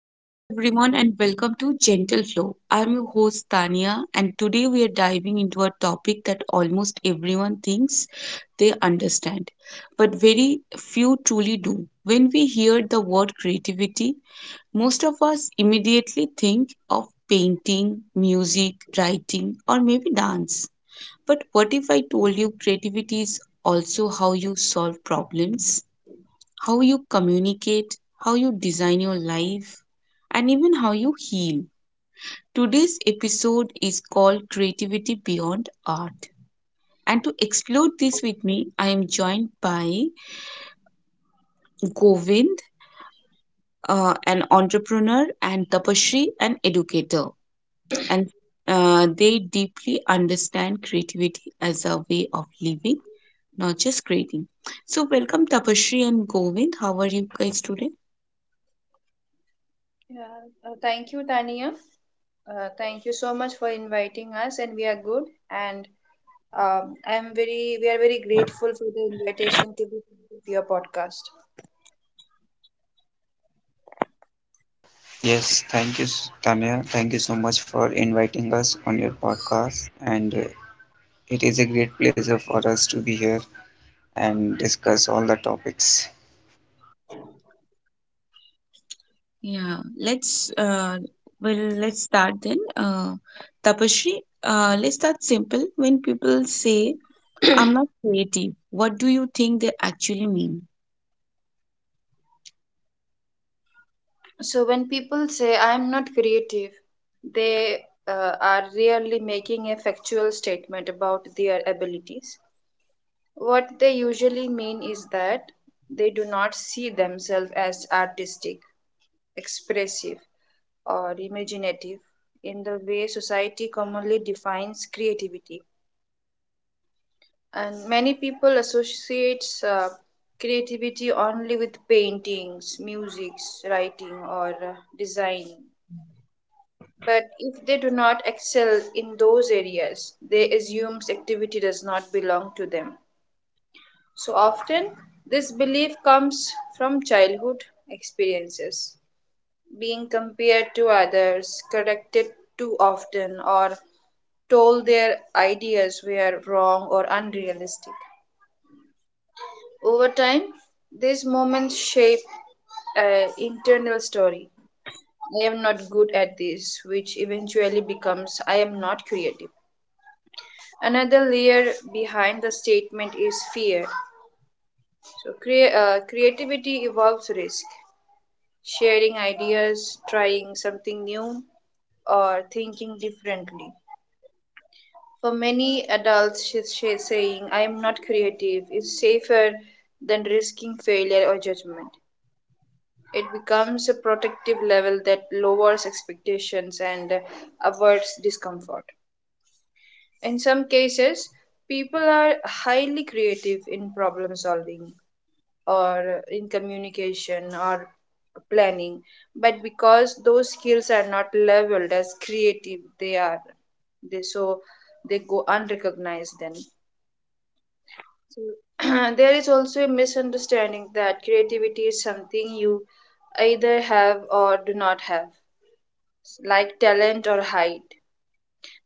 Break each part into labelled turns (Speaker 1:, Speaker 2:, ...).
Speaker 1: Hello, everyone, and welcome to Gentle Flow. I'm your host, Tania, and today we are diving into a topic that almost everyone thinks they understand, but very few truly do. When we hear the word creativity, most of us immediately think of painting, music, writing, or maybe dance. But what if I told you creativity is also how you solve problems? How you communicate, how you design your life, and even how you heal. Today's episode is called Creativity Beyond Art. And to explore this with me, I am joined by Govind, an entrepreneur, and Tapashri, an educator. And they deeply understand creativity as a way of living, not just creating. So, welcome Tapashri and Govind. How are you guys today?
Speaker 2: Yeah, thank you, Tania. Thank you so much for inviting us, and we are good. And we are very grateful for the invitation to be part of your podcast.
Speaker 3: Yes, thank you, Tanya. Thank you so much for inviting us on your podcast. And it is a great pleasure for us to be here and discuss all the topics.
Speaker 1: Yeah, well, let's start then. Tapasree, let's start simple. When people say, I'm not creative, what do you think they actually mean?
Speaker 2: So when people say I'm not creative, they are really making a factual statement about their abilities. What they usually mean is that they do not see themselves as artistic, expressive, or imaginative in the way society commonly defines creativity. And many people associate creativity only with paintings, music, writing, or design. But if they do not excel in those areas, they assume activity does not belong to them. So often, this belief comes from childhood experiences being compared to others, corrected too often, or told their ideas were wrong or unrealistic. Over time, these moments shape an internal story. I am not good at this, which eventually becomes I am not creative. Another layer behind the statement is fear. So, creativity involves risk, sharing ideas, trying something new, or thinking differently. For many adults, she's saying, I am not creative is safer than risking failure or judgment. It becomes a protective level that lowers expectations and avoids discomfort. In some cases, people are highly creative in problem solving or in communication or planning, but because those skills are not leveled as creative, they so they go unrecognized then. So, there is also a misunderstanding that creativity is something you either have or do not have, like talent or height.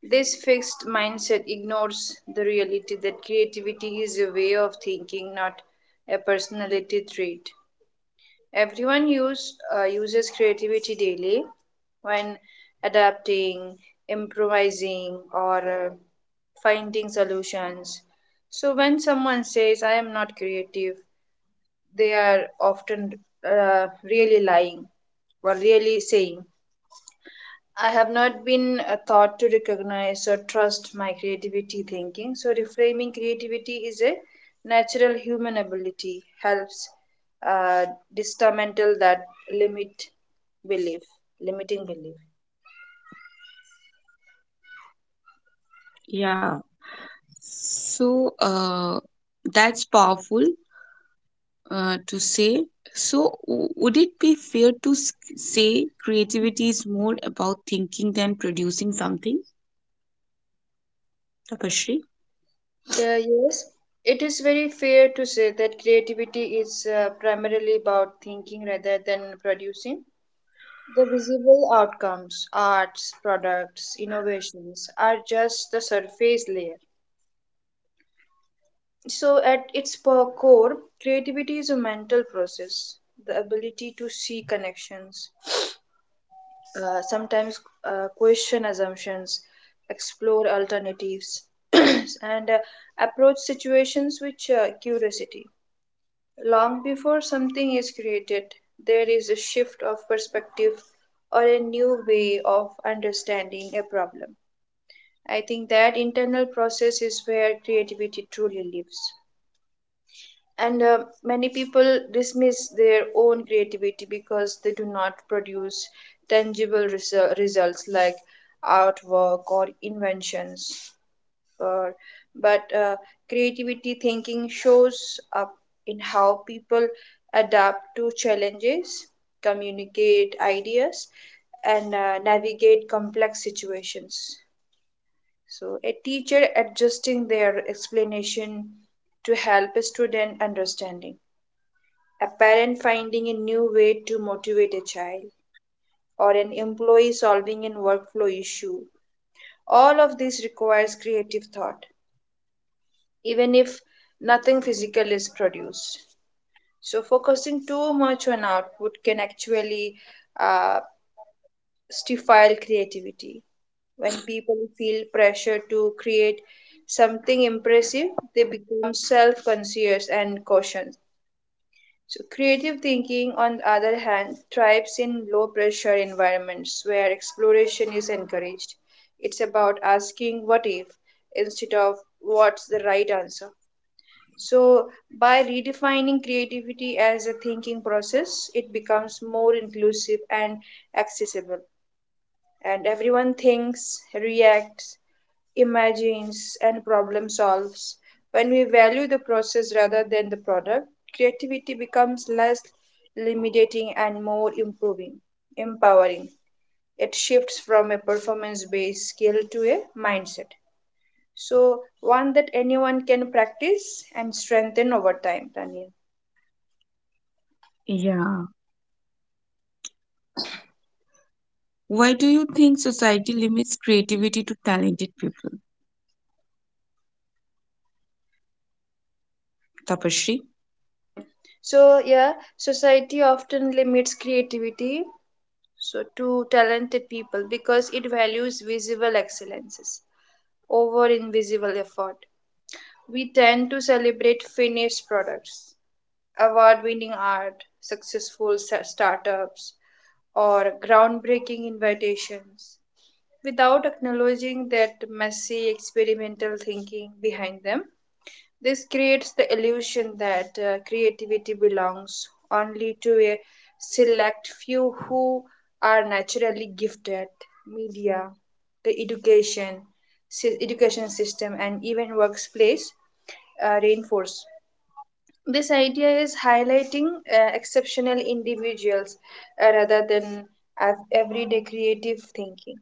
Speaker 2: This fixed mindset ignores the reality that creativity is a way of thinking, not a personality trait. Everyone uses creativity daily when adapting, improvising, or uh, finding solutions. So, when someone says, I am not creative, they are often really lying or really saying. I have not been taught to recognize or trust my creativity thinking. So, reframing creativity is a natural human ability, helps uh, dismantle that limit belief, limiting belief.
Speaker 1: Yeah, so, that's powerful to say. So, would it be fair to say creativity is more about thinking than producing something, Tapasree?
Speaker 2: Yes, it is very fair to say that creativity is primarily about thinking rather than producing. The visible outcomes, arts, products, innovations, are just the surface layer. So, at its core, creativity is a mental process, the ability to see connections, sometimes question assumptions, explore alternatives, and approach situations with curiosity. Long before something is created, there is a shift of perspective or a new way of understanding a problem. I think that internal process is where creativity truly lives. And many people dismiss their own creativity because they do not produce tangible results like artwork or inventions. Or, but creativity thinking shows up in how people adapt to challenges, communicate ideas, and navigate complex situations. So, a teacher adjusting their explanation to help a student understanding, a parent finding a new way to motivate a child, or an employee solving a workflow issue. All of this requires creative thought, even if nothing physical is produced. So, focusing too much on output can actually uh, stifle creativity. When people feel pressure to create something impressive, they become self conscious and cautious. So, creative thinking, on the other hand, thrives in low pressure environments where exploration is encouraged. It's about asking what if instead of what's the right answer. So, by redefining creativity as a thinking process, it becomes more inclusive and accessible, and everyone thinks, reacts, imagines, and problem solves. When we value the process rather than the product, creativity becomes less limiting and more empowering. It shifts from a performance based skill to a mindset. So, one that anyone can practice and strengthen over time, Tanya.
Speaker 1: Yeah. Why do you think society limits creativity to talented people, Tapasree?
Speaker 2: So, yeah, society often limits creativity so to talented people because it values visible excellences over invisible effort. We tend to celebrate finished products, award winning art, successful startups, or groundbreaking innovations, without acknowledging that messy experimental thinking behind them. This creates the illusion that creativity belongs only to a select few who are naturally gifted. Media, the education, education system, and even workplace reinforce. This idea is highlighting exceptional individuals rather than everyday creative thinking.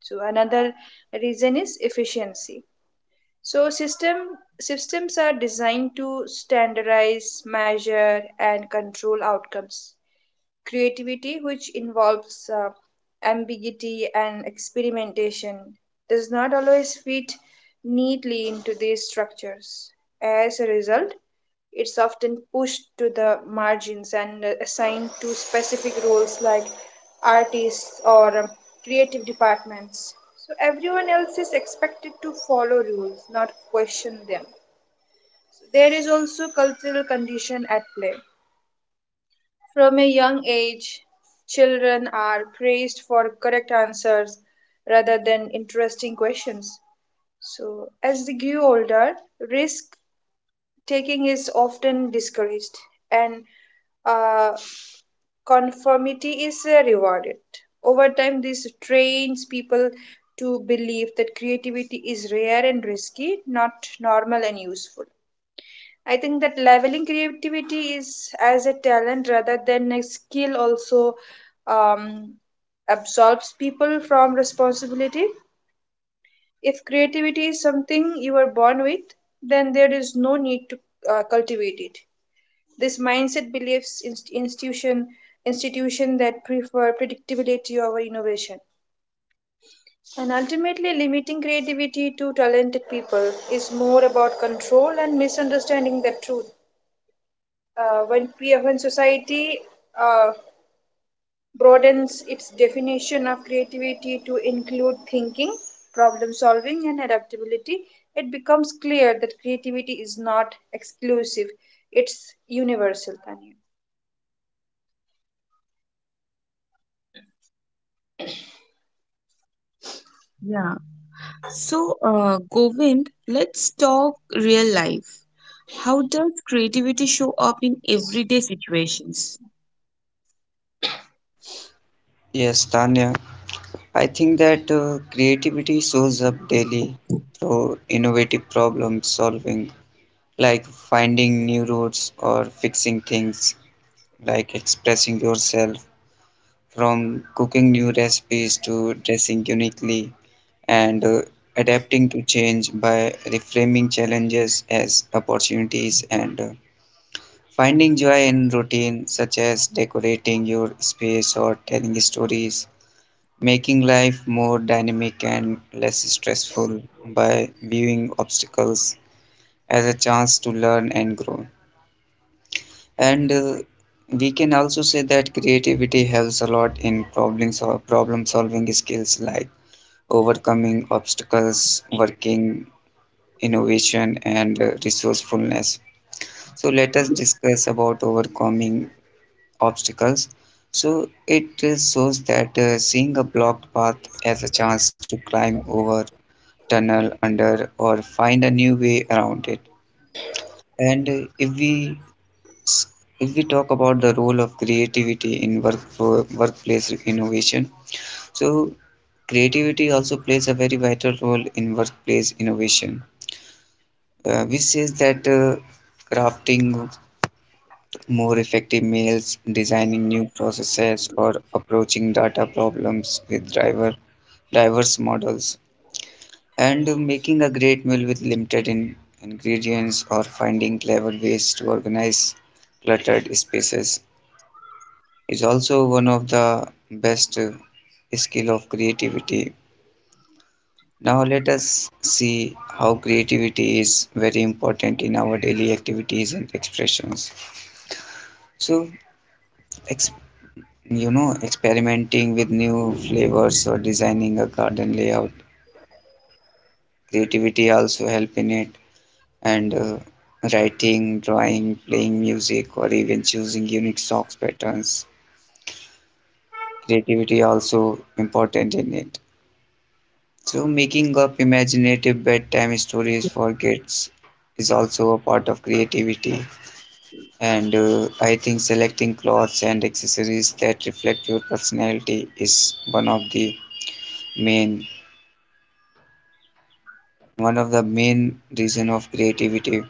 Speaker 2: So, another reason is efficiency, so systems are designed to standardize, measure, and control outcomes. Creativity, which involves ambiguity and experimentation, does not always fit neatly into these structures. As a result, it's often pushed to the margins and assigned to specific roles like artists or creative departments. So everyone else is expected to follow rules, not question them. So there is also cultural condition at play. From a young age, children are praised for correct answers rather than interesting questions. So as they grew older, risk taking is often discouraged and uh, conformity is rewarded. Over time, this trains people to believe that creativity is rare and risky, not normal and useful. I think that leveling creativity is as a talent rather than a skill also um, absolves people from responsibility. If creativity is something you are born with, then there is no need to cultivate it. This mindset believes institution that prefer predictability over innovation. And ultimately, limiting creativity to talented people is more about control and misunderstanding the truth. When society uh, broadens its definition of creativity to include thinking, problem solving, and adaptability, it becomes clear that creativity is not exclusive, it's universal. Tanya.
Speaker 1: Yeah. So, Govind, let's talk real life. How does creativity show up in everyday situations?
Speaker 3: Yes, Tanya, I think that creativity shows up daily through innovative problem solving, like finding new routes or fixing things, like expressing yourself from cooking new recipes to dressing uniquely, and adapting to change by reframing challenges as opportunities, and finding joy in routine such as decorating your space or telling stories, making life more dynamic and less stressful by viewing obstacles as a chance to learn and grow. And we can also say that creativity helps a lot in problem solving skills like overcoming obstacles, working innovation, and resourcefulness. So let us discuss about overcoming obstacles. So it shows that seeing a blocked path as a chance to climb over, tunnel under, or find a new way around it. And if we talk about the role of creativity in workplace innovation, so creativity also plays a very vital role in workplace innovation, which says that crafting more effective meals, designing new processes, or approaching data problems with driver diverse models, and making a great meal with limited in ingredients, or finding clever ways to organize cluttered spaces is also one of the best skill of creativity. Now let us see how creativity is very important in our daily activities and expressions. So, ex- experimenting with new flavors or designing a garden layout, creativity also help in it. And writing, drawing, playing music, or even choosing unique socks patterns, creativity also important in it. So, making up imaginative bedtime stories for kids is also a part of creativity. And I think selecting clothes and accessories that reflect your personality is main one of the main reason of creativity.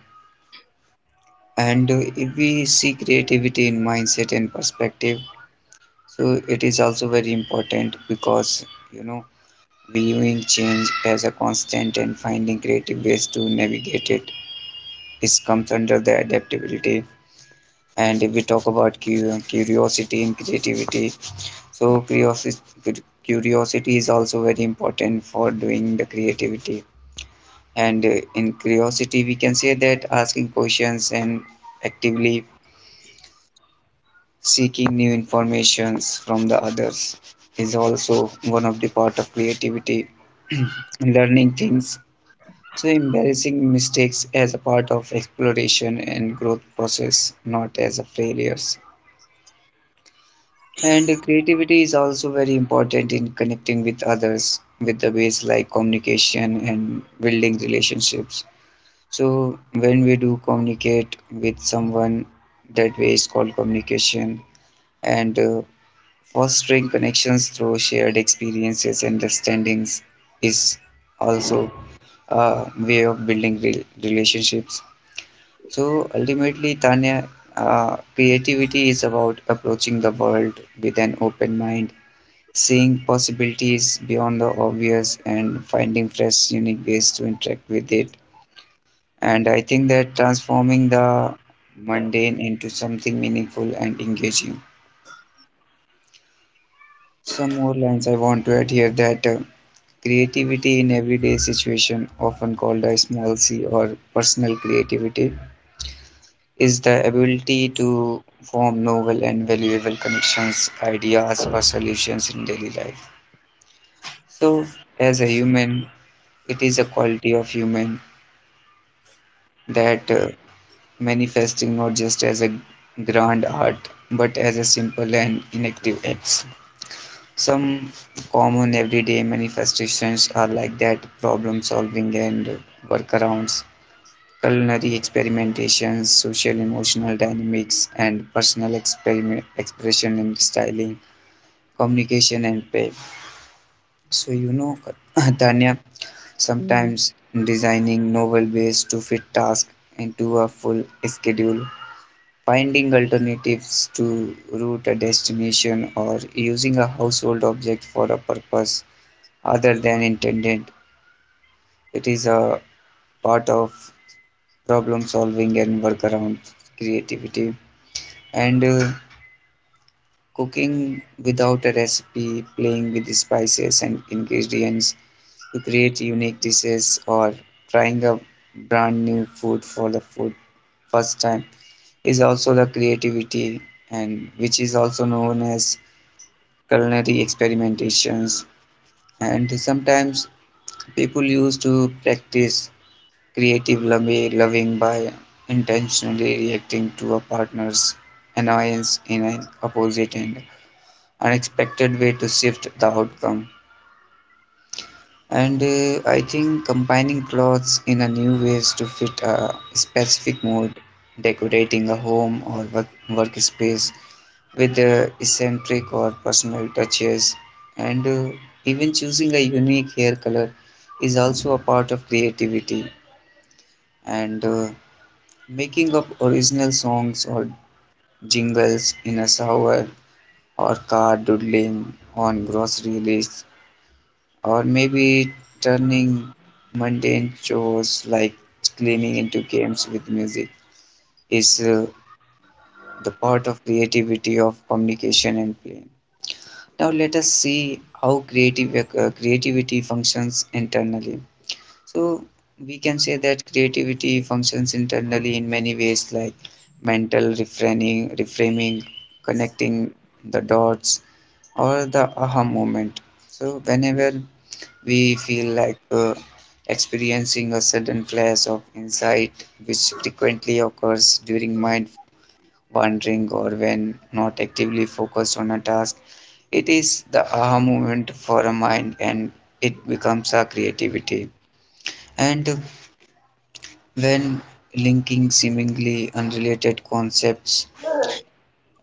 Speaker 3: And if we see creativity in mindset and perspective, so it is also very important, because you know viewing change as a constant and finding creative ways to navigate it, this comes under the adaptability. And if we talk about curiosity and creativity, so curiosity is also very important for doing the creativity. And in curiosity, we can say that asking questions and actively seeking new informations from the others is also one of the part of creativity. Learning things, so embarrassing mistakes as a part of exploration and growth process, not as a failures. And creativity is also very important in connecting with others with the ways like communication and building relationships. So when we do communicate with someone, that way is called communication. And fostering connections through shared experiences, understandings is also a way of building relationships. So ultimately, Tanya, creativity is about approaching the world with an open mind, seeing possibilities beyond the obvious and finding fresh, unique ways to interact with it. And I think that transforming the mundane into something meaningful and engaging. Some more lines I want to add here that creativity in everyday situation, often called a small c or personal creativity, is the ability to form novel and valuable connections, ideas, or solutions in daily life. So, as a human, it is a quality of human that manifesting not just as a grand art, but as a simple and inactive acts. Some common everyday manifestations are like that problem solving and workarounds, culinary experimentations, social emotional dynamics, and personal experiment, expression and styling, communication and play. So, Tanya,
Speaker 1: Yeah.
Speaker 3: sometimes designing novel ways to fit tasks into a full schedule, finding alternatives to route a destination, or using a household object for a purpose other than intended. It is a part of problem solving and workaround creativity. And cooking without a recipe, playing with spices and ingredients, to create unique dishes, or trying a brand new food for the food first time is also the creativity, and which is also known as culinary experimentations. And sometimes people used to practice creative loving by intentionally reacting to a partner's annoyance in an opposite and unexpected way to shift the outcome. And I think combining clothes in a new ways to fit a specific mood, decorating a home or workspace with eccentric or personal touches, and even choosing a unique hair color is also a part of creativity. And making up original songs or jingles in a shower or car, doodling on grocery lists, or maybe turning mundane chores like cleaning into games with music is the part of creativity of communication and playing. Now let us see how creative creativity functions internally. So we can say that creativity functions internally in many ways like mental reframing reframing, connecting the dots or the aha moment. So whenever we feel like experiencing a sudden flash of insight, which frequently occurs during mind wandering or when not actively focused on a task. It is the aha moment for a mind, and it becomes a creativity. And when linking seemingly unrelated concepts,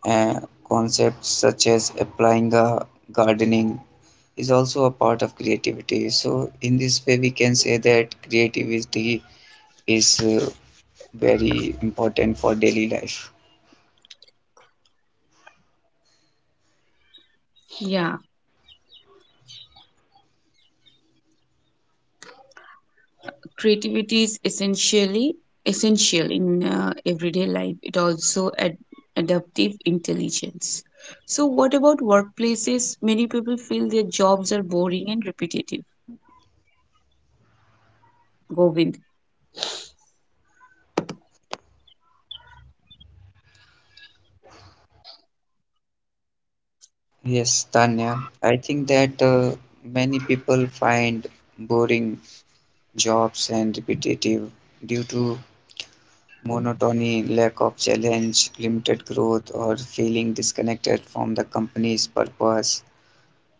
Speaker 3: uh, concepts such as applying a gardening is also a part of creativity. So, in this way, we can say that creativity is very important for daily life.
Speaker 1: Yeah. Creativity is essential in everyday life, it also adaptive intelligence. So what about workplaces? Many people feel their jobs are boring and repetitive, Govind.
Speaker 3: Yes, Tanya, I think that many people find boring jobs and repetitive due to monotony, lack of challenge, limited growth, or feeling disconnected from the company's purpose,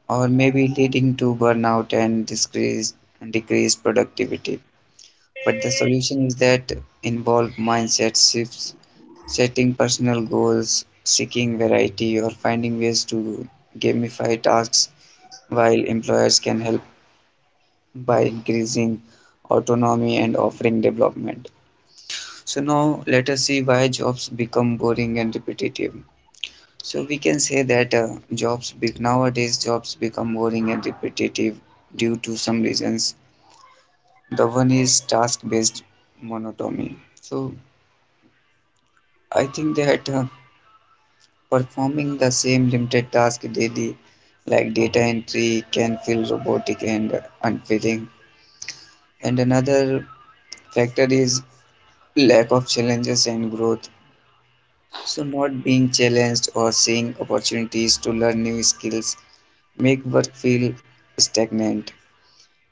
Speaker 3: or maybe leading to burnout and decreased productivity. But the solution is that involve mindset shifts, setting personal goals, seeking variety, or finding ways to gamify tasks, while employers can help by increasing autonomy and offering development. So, now let us see why jobs become boring and repetitive. So, we can say that nowadays jobs become boring and repetitive due to some reasons. The one is task based monotony. So, I think that performing the same limited task daily, like data entry, can feel robotic and unfitting. And another factor is lack of challenges and growth. So, not being challenged or seeing opportunities to learn new skills make work feel stagnant.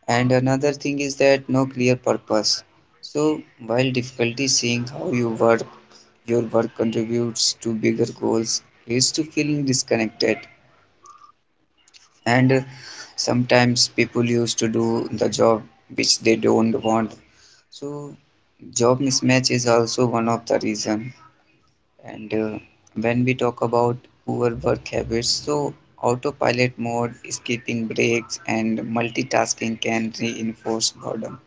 Speaker 3: And another thing is that no clear purpose. So, while difficulty seeing how you work, your work contributes to bigger goals, leads to feeling disconnected. And sometimes people used to do the job which they don't want, so job mismatch is also one of the reason. And when we talk about poor work habits, so autopilot mode, skipping breaks and multitasking can reinforce boredom.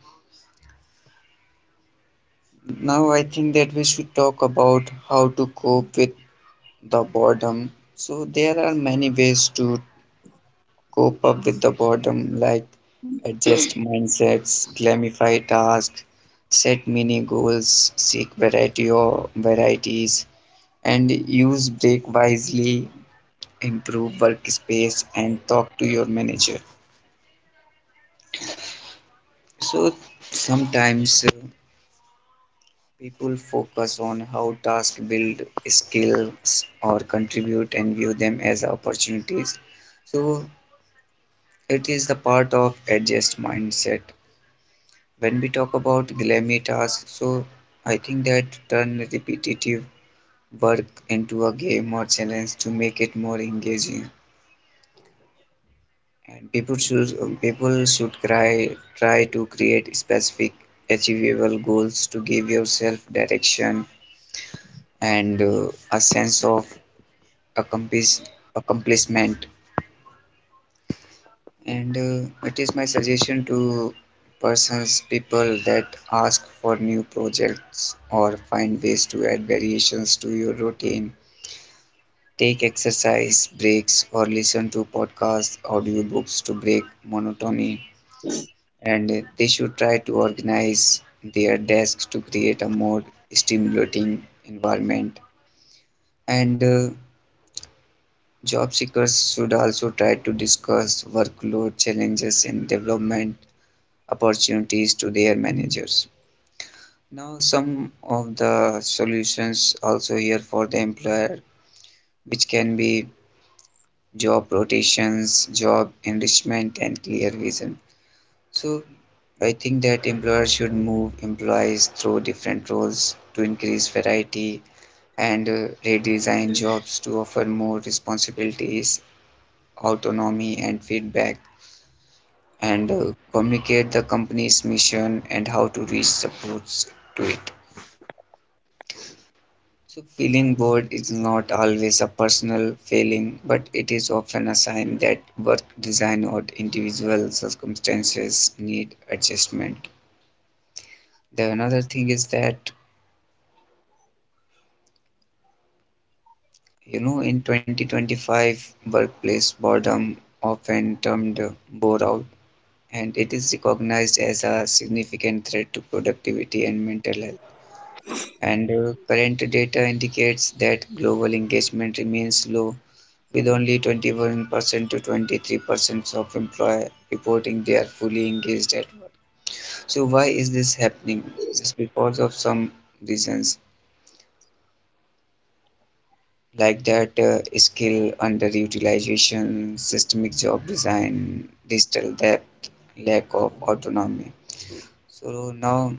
Speaker 3: Now I think that we should talk about how to cope with the boredom. So there are many ways to cope up with the boredom, like adjust mindsets, glamify tasks, set mini goals, seek variety or varieties, and use break wisely, improve workspace, and talk to your manager. So sometimes people focus on how tasks build skills or contribute and view them as opportunities. So it is the part of adjust mindset. When we talk about glammy tasks, so I think that turn repetitive work into a game or challenge to make it more engaging. And people should try to create specific achievable goals to give yourself direction and a sense of accomplish, accomplishment. And it is my suggestion to persons people that ask for new projects or find ways to add variations to your routine, take exercise breaks or listen to podcasts audiobooks to break monotony. And they should try to organize their desks to create a more stimulating environment. And job seekers should also try to discuss workload challenges and development opportunities to their managers. Now, some of the solutions also here for the employer, which can be job rotations, job enrichment, and clear vision. So, I think that employers should move employees through different roles to increase variety, and redesign jobs to offer more responsibilities, autonomy, and feedback, and communicate the company's mission and how to reach supports to it. So, feeling bored is not always a personal failing, but it is often a sign that work design or individual circumstances need adjustment. The another thing is that, in 2025, workplace boredom often termed bore out, and it is recognized as a significant threat to productivity and mental health. And current data indicates that global engagement remains low, with only 21% to 23% of employees reporting they are fully engaged at work. So why is this happening? Just because of some reasons like that skill underutilization, systemic job design, digital debt, lack of autonomy. So now,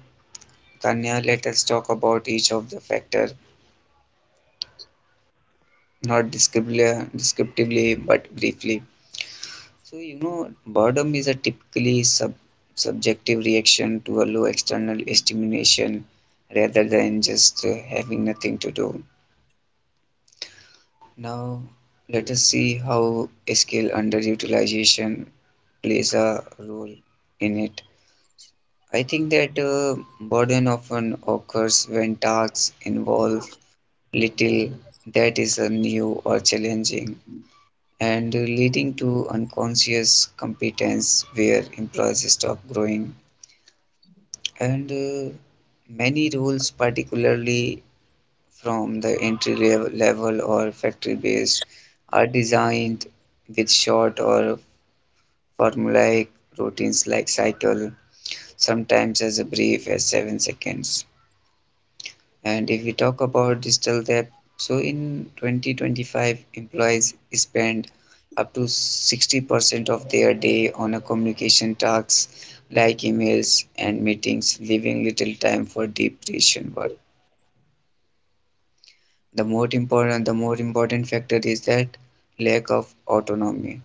Speaker 3: Tanya, let us talk about each of the factor, not descriptively but briefly. So, boredom is a typically subjective reaction to a low external stimulation rather than just having nothing to do. Now, let us see how skill underutilization plays a role in it. I think that boredom often occurs when tasks involve little that is new or challenging and leading to unconscious competence where employees stop growing and many roles, particularly from the level or factory based, are designed with short or formulaic routines like cycle, sometimes as brief as 7 seconds. And if we talk about digital depth, so in 2025, employees spend up to 60% of their day on a communication tasks like emails and meetings, leaving little time for deep creation work. The more important factor is that lack of autonomy.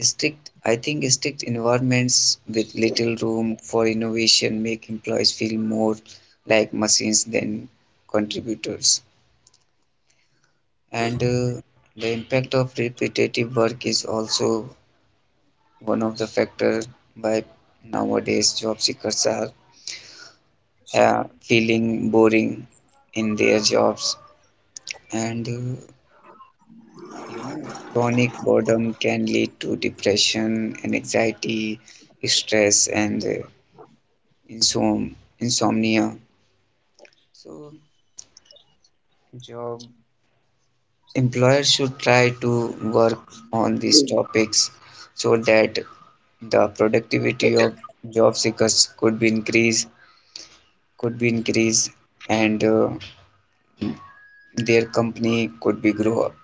Speaker 3: I think strict environments with little room for innovation make employees feel more like machines than contributors. And The impact of repetitive work is also one of the factors why nowadays job seekers are feeling boring in their jobs. And You know, chronic boredom can lead to depression, anxiety, stress, and insom insomnia. So, job employers should try to work on these topics so that the productivity of job seekers could be increased, and their company could be grow up.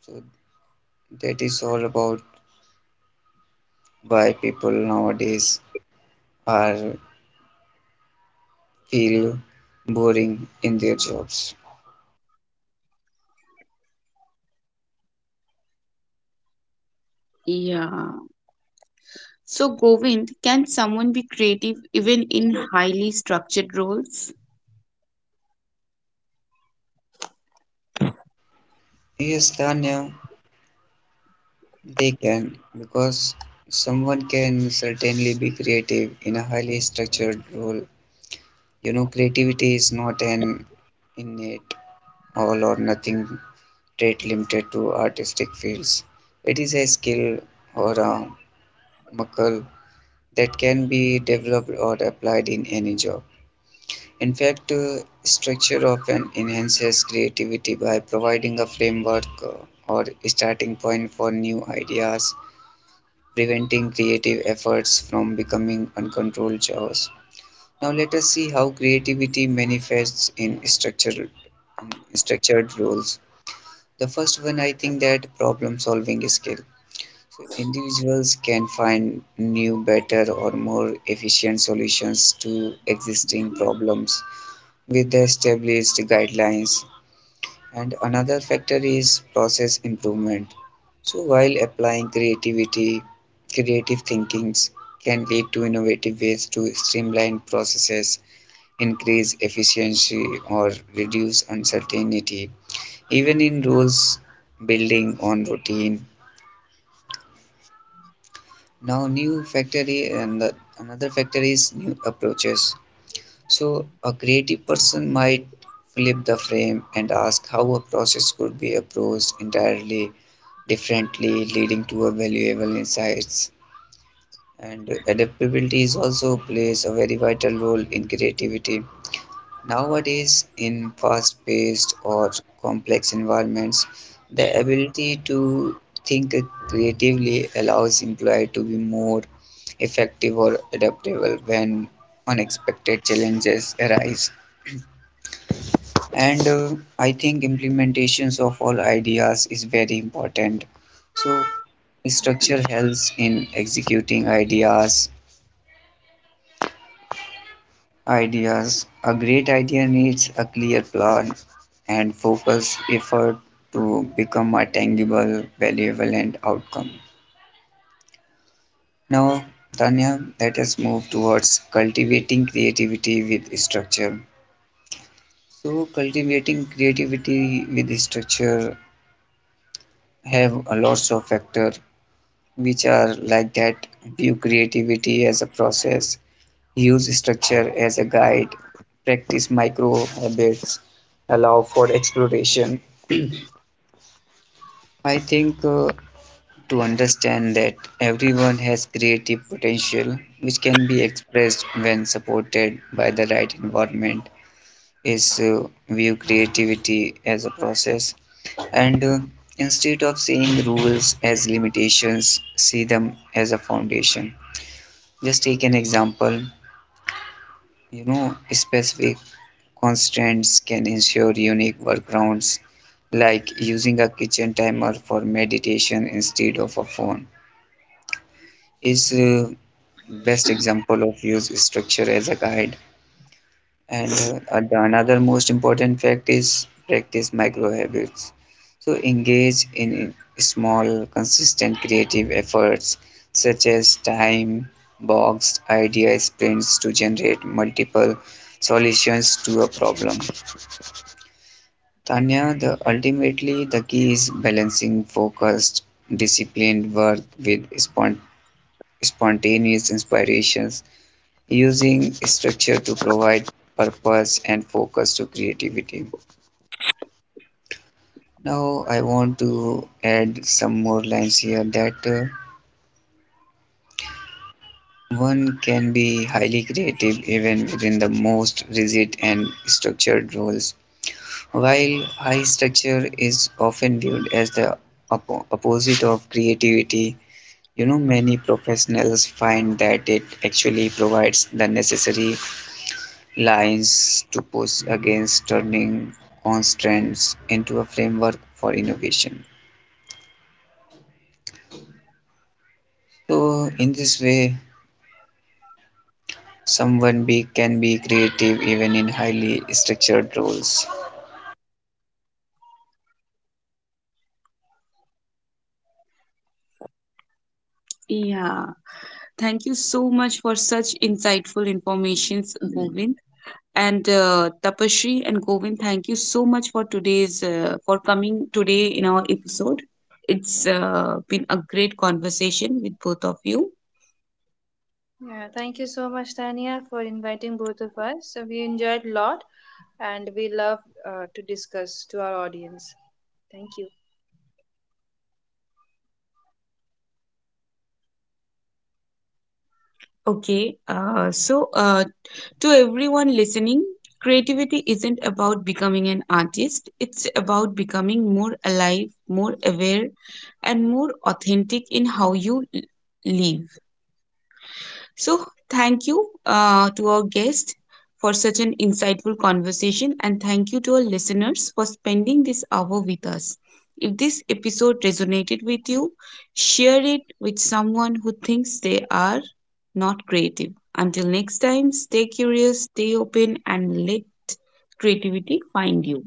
Speaker 3: So that is all about why people nowadays are feel boring in their jobs.
Speaker 1: Yeah, so Govind, can someone be creative even in highly structured roles?
Speaker 3: Yes, Tanya, they can because someone can certainly be creative in a highly structured role. You know, creativity is not an innate all or nothing trait limited to artistic fields. It is a skill or a muscle that can be developed or applied in any job. In fact, structure often enhances creativity by providing a framework or starting point for new ideas, preventing creative efforts from becoming uncontrolled chaos. Now let us see how creativity manifests in structured roles. The first one I think that problem solving skill. So individuals can find new, better or more efficient solutions to existing problems with the established guidelines. And another factor is process improvement. So while applying creativity, creative thinkings can lead to innovative ways to streamline processes, increase efficiency, or reduce uncertainty. Even in rules building on routine. Now, new factory and the, another factor is new approaches. So a creative person might flip the frame and ask how a process could be approached entirely differently, leading to a valuable insights. And adaptability is also plays a very vital role in creativity. Nowadays, in fast-paced or complex environments, the ability to think creatively allows employee to be more effective or adaptable when unexpected challenges arise. And I think implementations of all ideas is very important, so structure helps in executing ideas. A great idea needs a clear plan and focused effort to become a tangible valuable and outcome. Now, Tanya, let us move towards cultivating creativity with structure. So cultivating creativity with structure have a lots of factor which are like that: view creativity as a process, use structure as a guide, practice micro habits, allow for exploration. I think to understand that everyone has creative potential which can be expressed when supported by the right environment is, view creativity as a process, and instead of seeing rules as limitations see them as a foundation. Just take an example. You know, specific constraints can ensure unique workarounds, like using a kitchen timer for meditation instead of a phone. Is, best example of use structure as a guide. And another most important fact is practice micro habits. So engage in small, consistent creative efforts such as time boxed idea sprints to generate multiple solutions to a problem. Tanya, the ultimately the key is balancing focused, disciplined work with spontaneous inspirations, using structure to provide purpose and focus to creativity. Now I want to add some more lines here that one can be highly creative even within the most rigid and structured roles. While high structure is often viewed as the opposite of creativity, you know, many professionals find that it actually provides the necessary lines to push against turning constraints into a framework for innovation. So, in this way, someone big can be creative even in highly structured roles.
Speaker 1: Yeah, thank you so much for such insightful informations, Govind. And Tapashri and Govind, thank you so much for today's for coming today in our episode. It's been a great conversation with both of you.
Speaker 2: Yeah, thank you so much, Tania, for inviting both of us. So we enjoyed a lot and we love to discuss to our audience. Thank you.
Speaker 1: Okay, so to everyone listening, creativity isn't about becoming an artist. It's about becoming more alive, more aware, and more authentic in how you live. So, thank you to our guest for such an insightful conversation, and thank you to our listeners for spending this hour with us. If this episode resonated with you, share it with someone who thinks they are not creative. Until next time, stay curious, stay open, and let creativity find you.